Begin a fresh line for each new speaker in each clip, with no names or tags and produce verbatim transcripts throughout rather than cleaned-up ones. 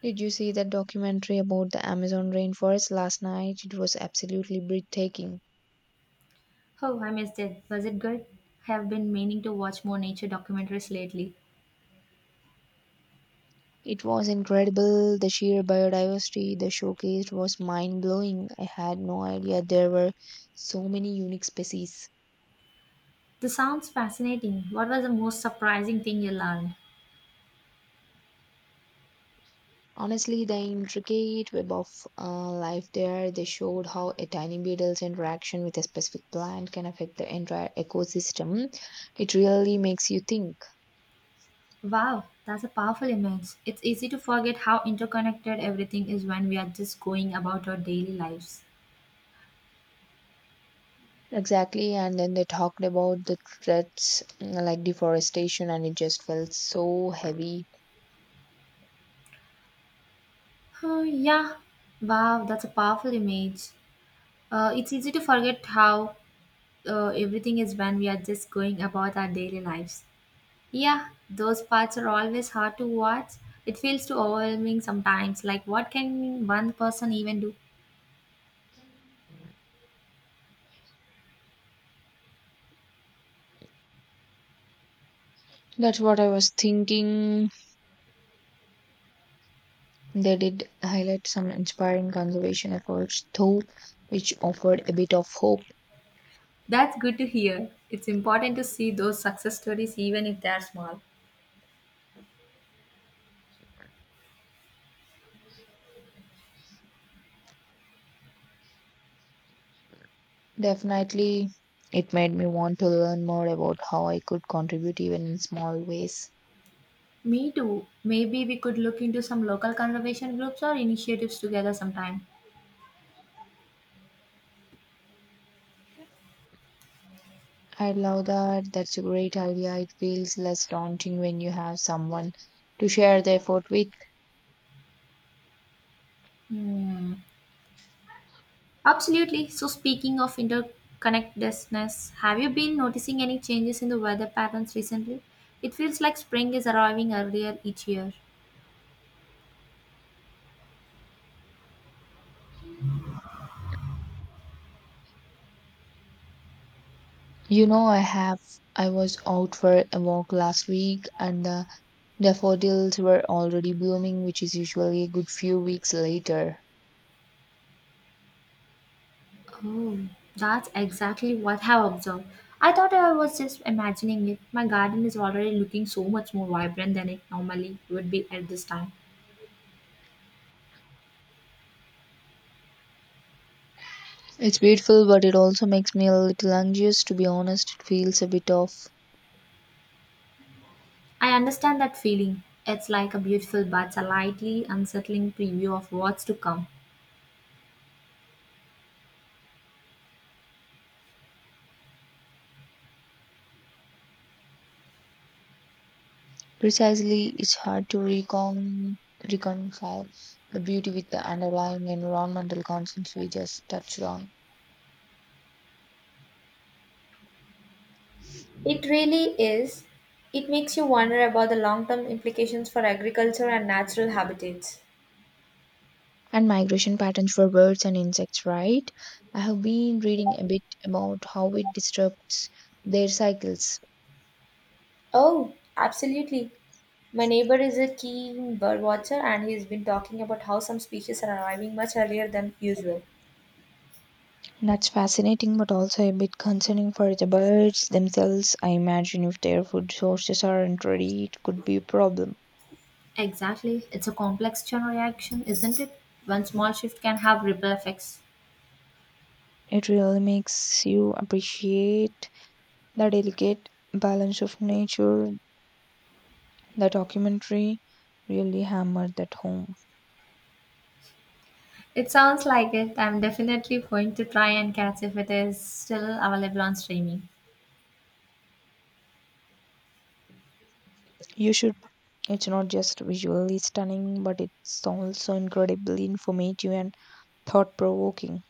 Did you see that documentary about the Amazon rainforest last night? It was absolutely breathtaking.
Oh, I missed it. Was it good? I have been meaning to watch more nature documentaries lately.
It was incredible. The sheer biodiversity they showcased was mind blowing. I had no idea there were so many unique species.
This sounds fascinating. What was the most surprising thing you learned?
Honestly, the intricate web of uh, life there, they showed how a tiny beetle's interaction with a specific plant can affect the entire ecosystem. It really makes you think.
Wow, that's a powerful image. It's easy to forget how interconnected everything is when we are just going about our daily lives.
Exactly, and then they talked about the threats mm, like deforestation, and it just felt so heavy.
Oh, yeah. Wow, that's a powerful image. Uh, it's easy to forget how uh, everything is when we are just going about our daily lives. Yeah, those parts are always hard to watch. It feels too overwhelming sometimes. Like, what can one person even do?
That's what I was thinking. They did highlight some inspiring conservation efforts, though, which offered a bit of hope.
That's good to hear. It's important to see those success stories, even if they're small.
Definitely, it made me want to learn more about how I could contribute even in small ways.
Me too. Maybe we could look into some local conservation groups or initiatives together sometime.
I love that. That's a great idea. It feels less daunting when you have someone to share the effort with.
Hmm. Absolutely. So, speaking of interconnectedness, have you been noticing any changes in the weather patterns recently? It feels like spring is arriving earlier each year.
You know, I have. I was out for a walk last week and uh, the daffodils were already blooming, which is usually a good few weeks later.
Oh, that's exactly what I have observed. I thought I was just imagining it. My garden is already looking so much more vibrant than it normally would be at this time.
It's beautiful, but it also makes me a little anxious, to be honest. It feels a bit off.
I understand that feeling. It's like a beautiful but slightly unsettling preview of what's to come.
Precisely, it's hard to recon- reconcile the beauty with the underlying environmental concerns we just touched on.
It really is. It makes you wonder about the long term implications for agriculture and natural habitats.
And migration patterns for birds and insects, right? I have been reading a bit about how it disrupts their cycles.
Oh, absolutely. My neighbor is a keen bird watcher and he's been talking about how some species are arriving much earlier than usual.
That's fascinating, but also a bit concerning for the birds themselves. I imagine if their food sources aren't ready, it could be a problem.
Exactly. It's a complex chain reaction, isn't it? One small shift can have ripple effects.
It really makes you appreciate the delicate balance of nature. The documentary really hammered that home.
It sounds like it. I'm definitely going to try and catch if it is still available on streaming.
You should, it's not just visually stunning, but it's also incredibly informative and thought provoking.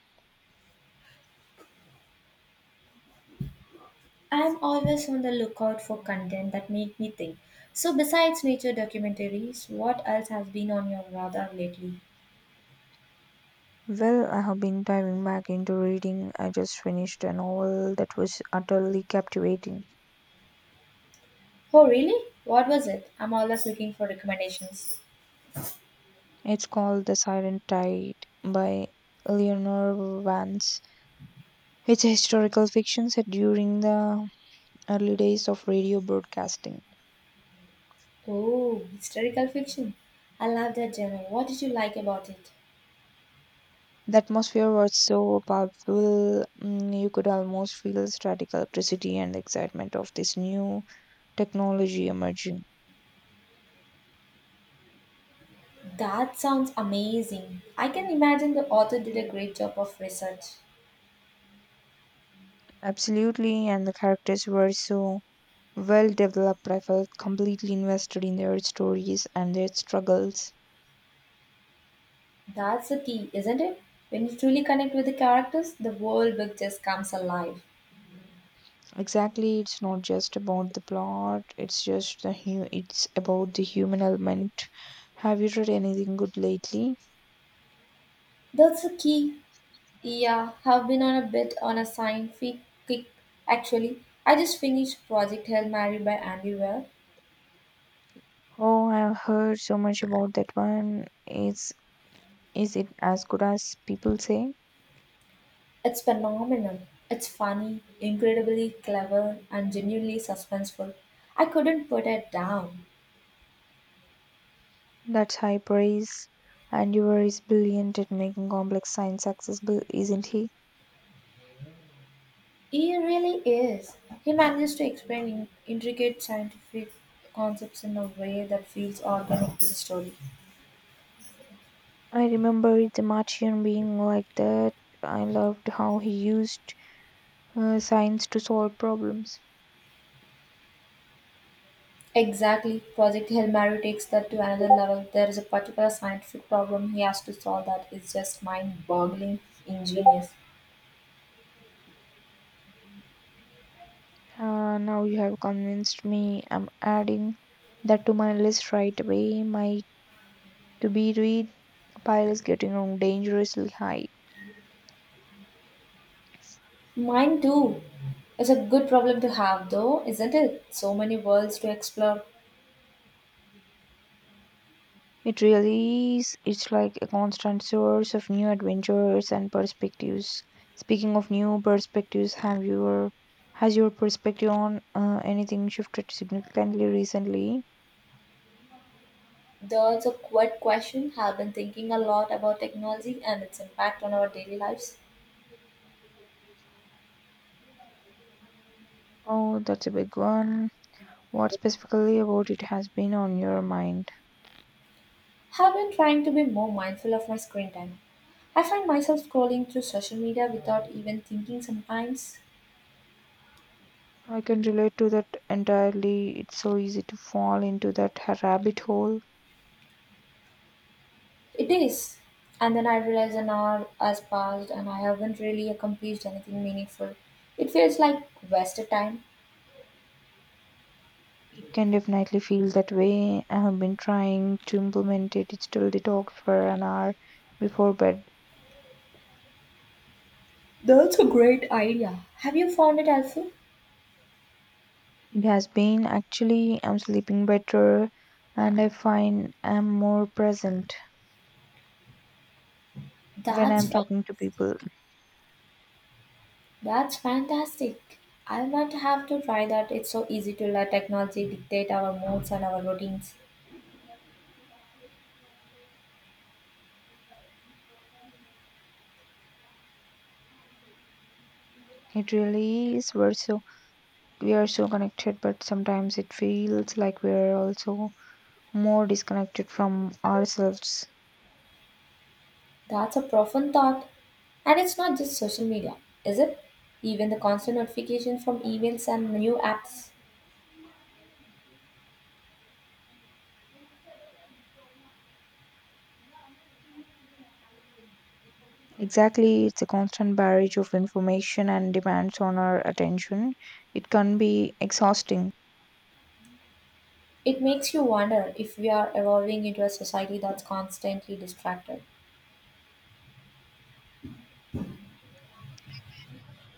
I'm always on the lookout for content that make me think. So besides nature documentaries, what else has been on your radar lately?
Well, I have been diving back into reading. I just finished a novel that was utterly captivating.
Oh really? What was it? I'm always looking for recommendations.
It's called The Silent Tide by Eleanor Vance. It's a historical fiction set during the early days of radio broadcasting.
Oh, historical fiction. I love that genre. What did you like about it?
The atmosphere was so palpable, mm, you could almost feel static electricity and the excitement of this new technology emerging.
That sounds amazing. I can imagine the author did a great job of research.
Absolutely, and the characters were so well developed, I felt completely invested in their stories and their struggles.
That's the key, isn't it? When you truly connect with the characters, the whole book just comes alive.
Exactly, it's not just about the plot, it's just the hu- it's about the human element. Have you read anything good lately?
That's the key. Yeah, have been on a bit on a scientific kick actually. I just finished Project Hail Mary by Andy Weir.
Oh, I've heard so much about that one. Is is it as good as people say?
It's phenomenal. It's funny, incredibly clever, and genuinely suspenseful. I couldn't put it down.
That's high praise. And Yuval is brilliant at making complex science accessible, isn't he?
He really is. He manages to explain in- intricate scientific concepts in a way that feels organic to the story.
I remember The Martian being like that. I loved how he used uh, science to solve problems.
Exactly. Project Hail Mary takes that to another level. There is a particular scientific problem he has to solve that is just mind boggling ingenious.
Uh, now you have convinced me. I'm adding that to my list right away. My to be read pile is getting on dangerously high.
Mine too. It's a good problem to have, though, isn't it? So many worlds to explore.
It really is. It's like a constant source of new adventures and perspectives. Speaking of new perspectives, have your has your perspective on uh, anything shifted significantly recently?
There's a quiet question. I've been thinking a lot about technology and its impact on our daily lives.
Oh, that's a big one. What specifically about it has been on your mind?
Have been trying to be more mindful of my screen time. I find myself scrolling through social media without even thinking sometimes.
I can relate to that entirely. It's so easy to fall into that ha- rabbit hole.
It is. And then I realize an hour has passed and I haven't really accomplished anything meaningful. It feels like wasted time.
It can definitely feel that way. I have been trying to implement it. A digital detox for an hour before bed.
That's a great idea. Have you found it helpful?
It has been, actually. I'm sleeping better and I find I'm more present when
That's
I'm talking to
fantastic.
people.
That's fantastic. I might have to try that. It's so easy to let technology dictate our moods and our routines.
It really is. We're so, we are so connected, but sometimes it feels like we're also more disconnected from ourselves.
That's a profound thought. And it's not just social media, is it? Even the constant notification from emails and new apps.
Exactly, it's a constant barrage of information and demands on our attention. It can be exhausting.
It makes you wonder if we are evolving into a society that's constantly distracted.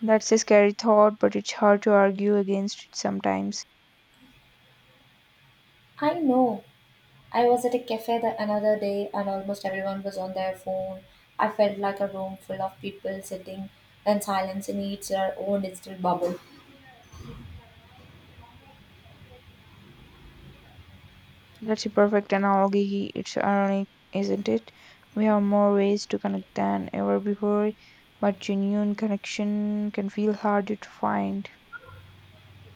That's a scary thought, but it's hard to argue against it sometimes.
I know. I was at a cafe the another day and almost everyone was on their phone. I felt like a room full of people sitting in silence in each their own digital bubble.
That's a perfect analogy. It's ironic, isn't it? We have more ways to connect than ever before, but genuine connection can feel harder to find.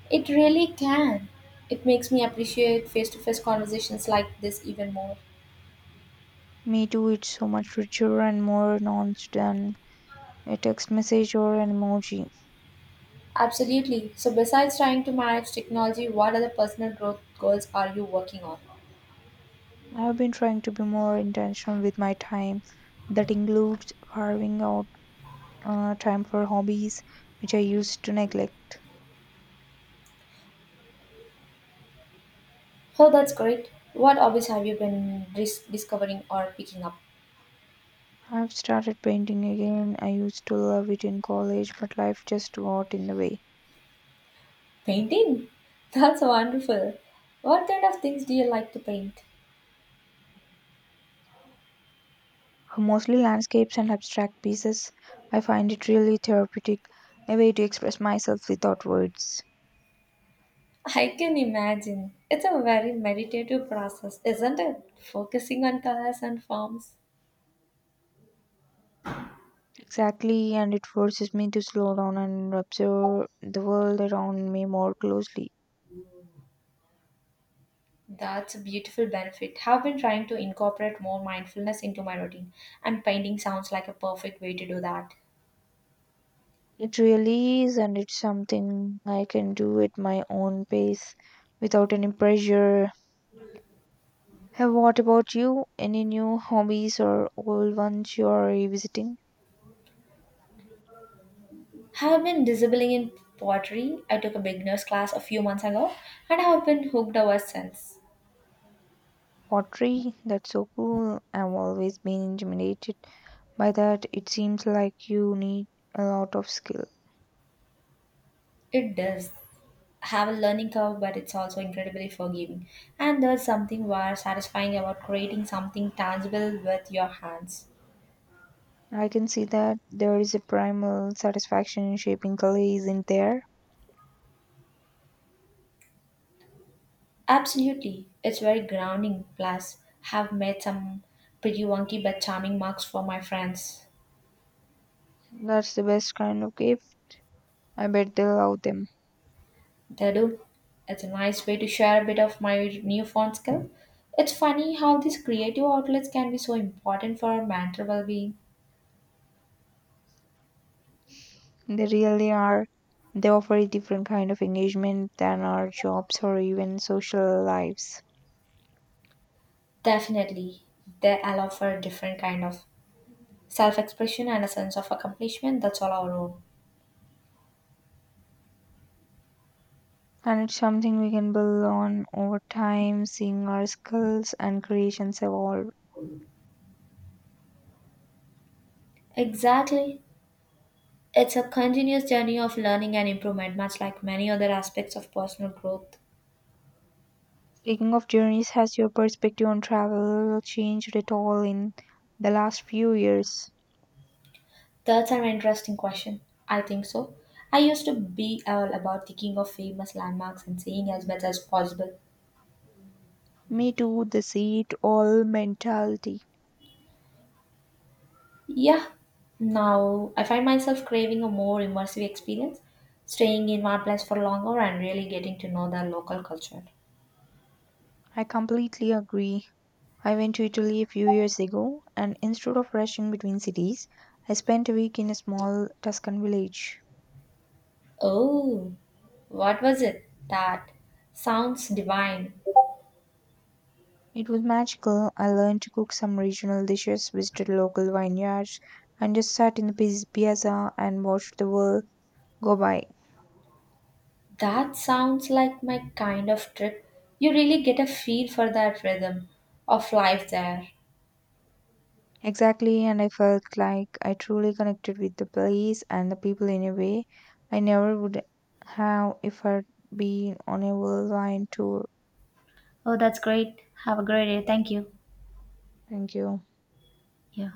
It really can. It makes me appreciate face to face conversations like this even more.
Me too, it's so much richer and more nuanced than a text message or an emoji.
Absolutely. So, besides trying to manage technology, what other personal growth goals are you working on?
I've been trying to be more intentional with my time. That includes carving out uh, time for hobbies, which I used to neglect.
Oh, that's great. What hobbies have you been dis- discovering or picking up?
I've started painting again. I used to love it in college, but life just got in the way.
Painting? That's wonderful. What kind of things do you like to paint?
Mostly landscapes and abstract pieces. I find it really therapeutic, a way to express myself without words.
I can imagine. It's a very meditative process, isn't it? Focusing on colors and forms.
Exactly, and it forces me to slow down and observe the world around me more closely.
That's a beautiful benefit. I've been trying to incorporate more mindfulness into my routine, and painting sounds like a perfect way to do that.
It really is, and it's something I can do at my own pace without any pressure. Hey, what about you? Any new hobbies or old ones you are revisiting?
Have been dabbling in pottery. I took a beginner's class a few months ago and have been hooked ever since.
Pottery, that's so cool. I've always been intimidated by that. It seems like you need a lot of skill.
It does have a learning curve, but it's also incredibly forgiving. And there's something very satisfying about creating something tangible with your hands.
I can see that. There is a primal satisfaction in shaping clay, isn't there?
Absolutely, it's very grounding. Plus, have made some pretty wonky but charming marks for my friends.
That's the best kind of gift. I bet they love them.
Dadu, it's a nice way to share a bit of my newfound skill. It's funny how these creative outlets can be so important for our mental well-being.
They really are. They offer a different kind of engagement than our jobs or even social lives.
Definitely, they allow for a different kind of self-expression and a sense of accomplishment that's all our own.
And it's something we can build on over time, seeing our skills and creations evolve.
Exactly. It's a continuous journey of learning and improvement, much like many other aspects of personal growth.
Speaking of journeys, has your perspective on travel changed at all in the last few years?
That's an interesting question. I think so. I used to be all about thinking of famous landmarks and seeing as much as possible.
Me too, the see it all mentality.
Yeah, now I find myself craving a more immersive experience, staying in one place for longer and really getting to know the local culture.
I completely agree. I went to Italy a few years ago, and instead of rushing between cities, I spent a week in a small Tuscan village.
Oh, what was it? That sounds divine.
It was magical. I learned to cook some regional dishes, visited local vineyards, and just sat in the piz- piazza and watched the world go by.
That sounds like my kind of trip. You really get a feel for that rhythm of life there.
Exactly, and I felt like I truly connected with the place and the people in a way I never would have if I'd been on a worldwide tour.
Oh, that's great. Have a great day. Thank you.
Thank you.
Yeah.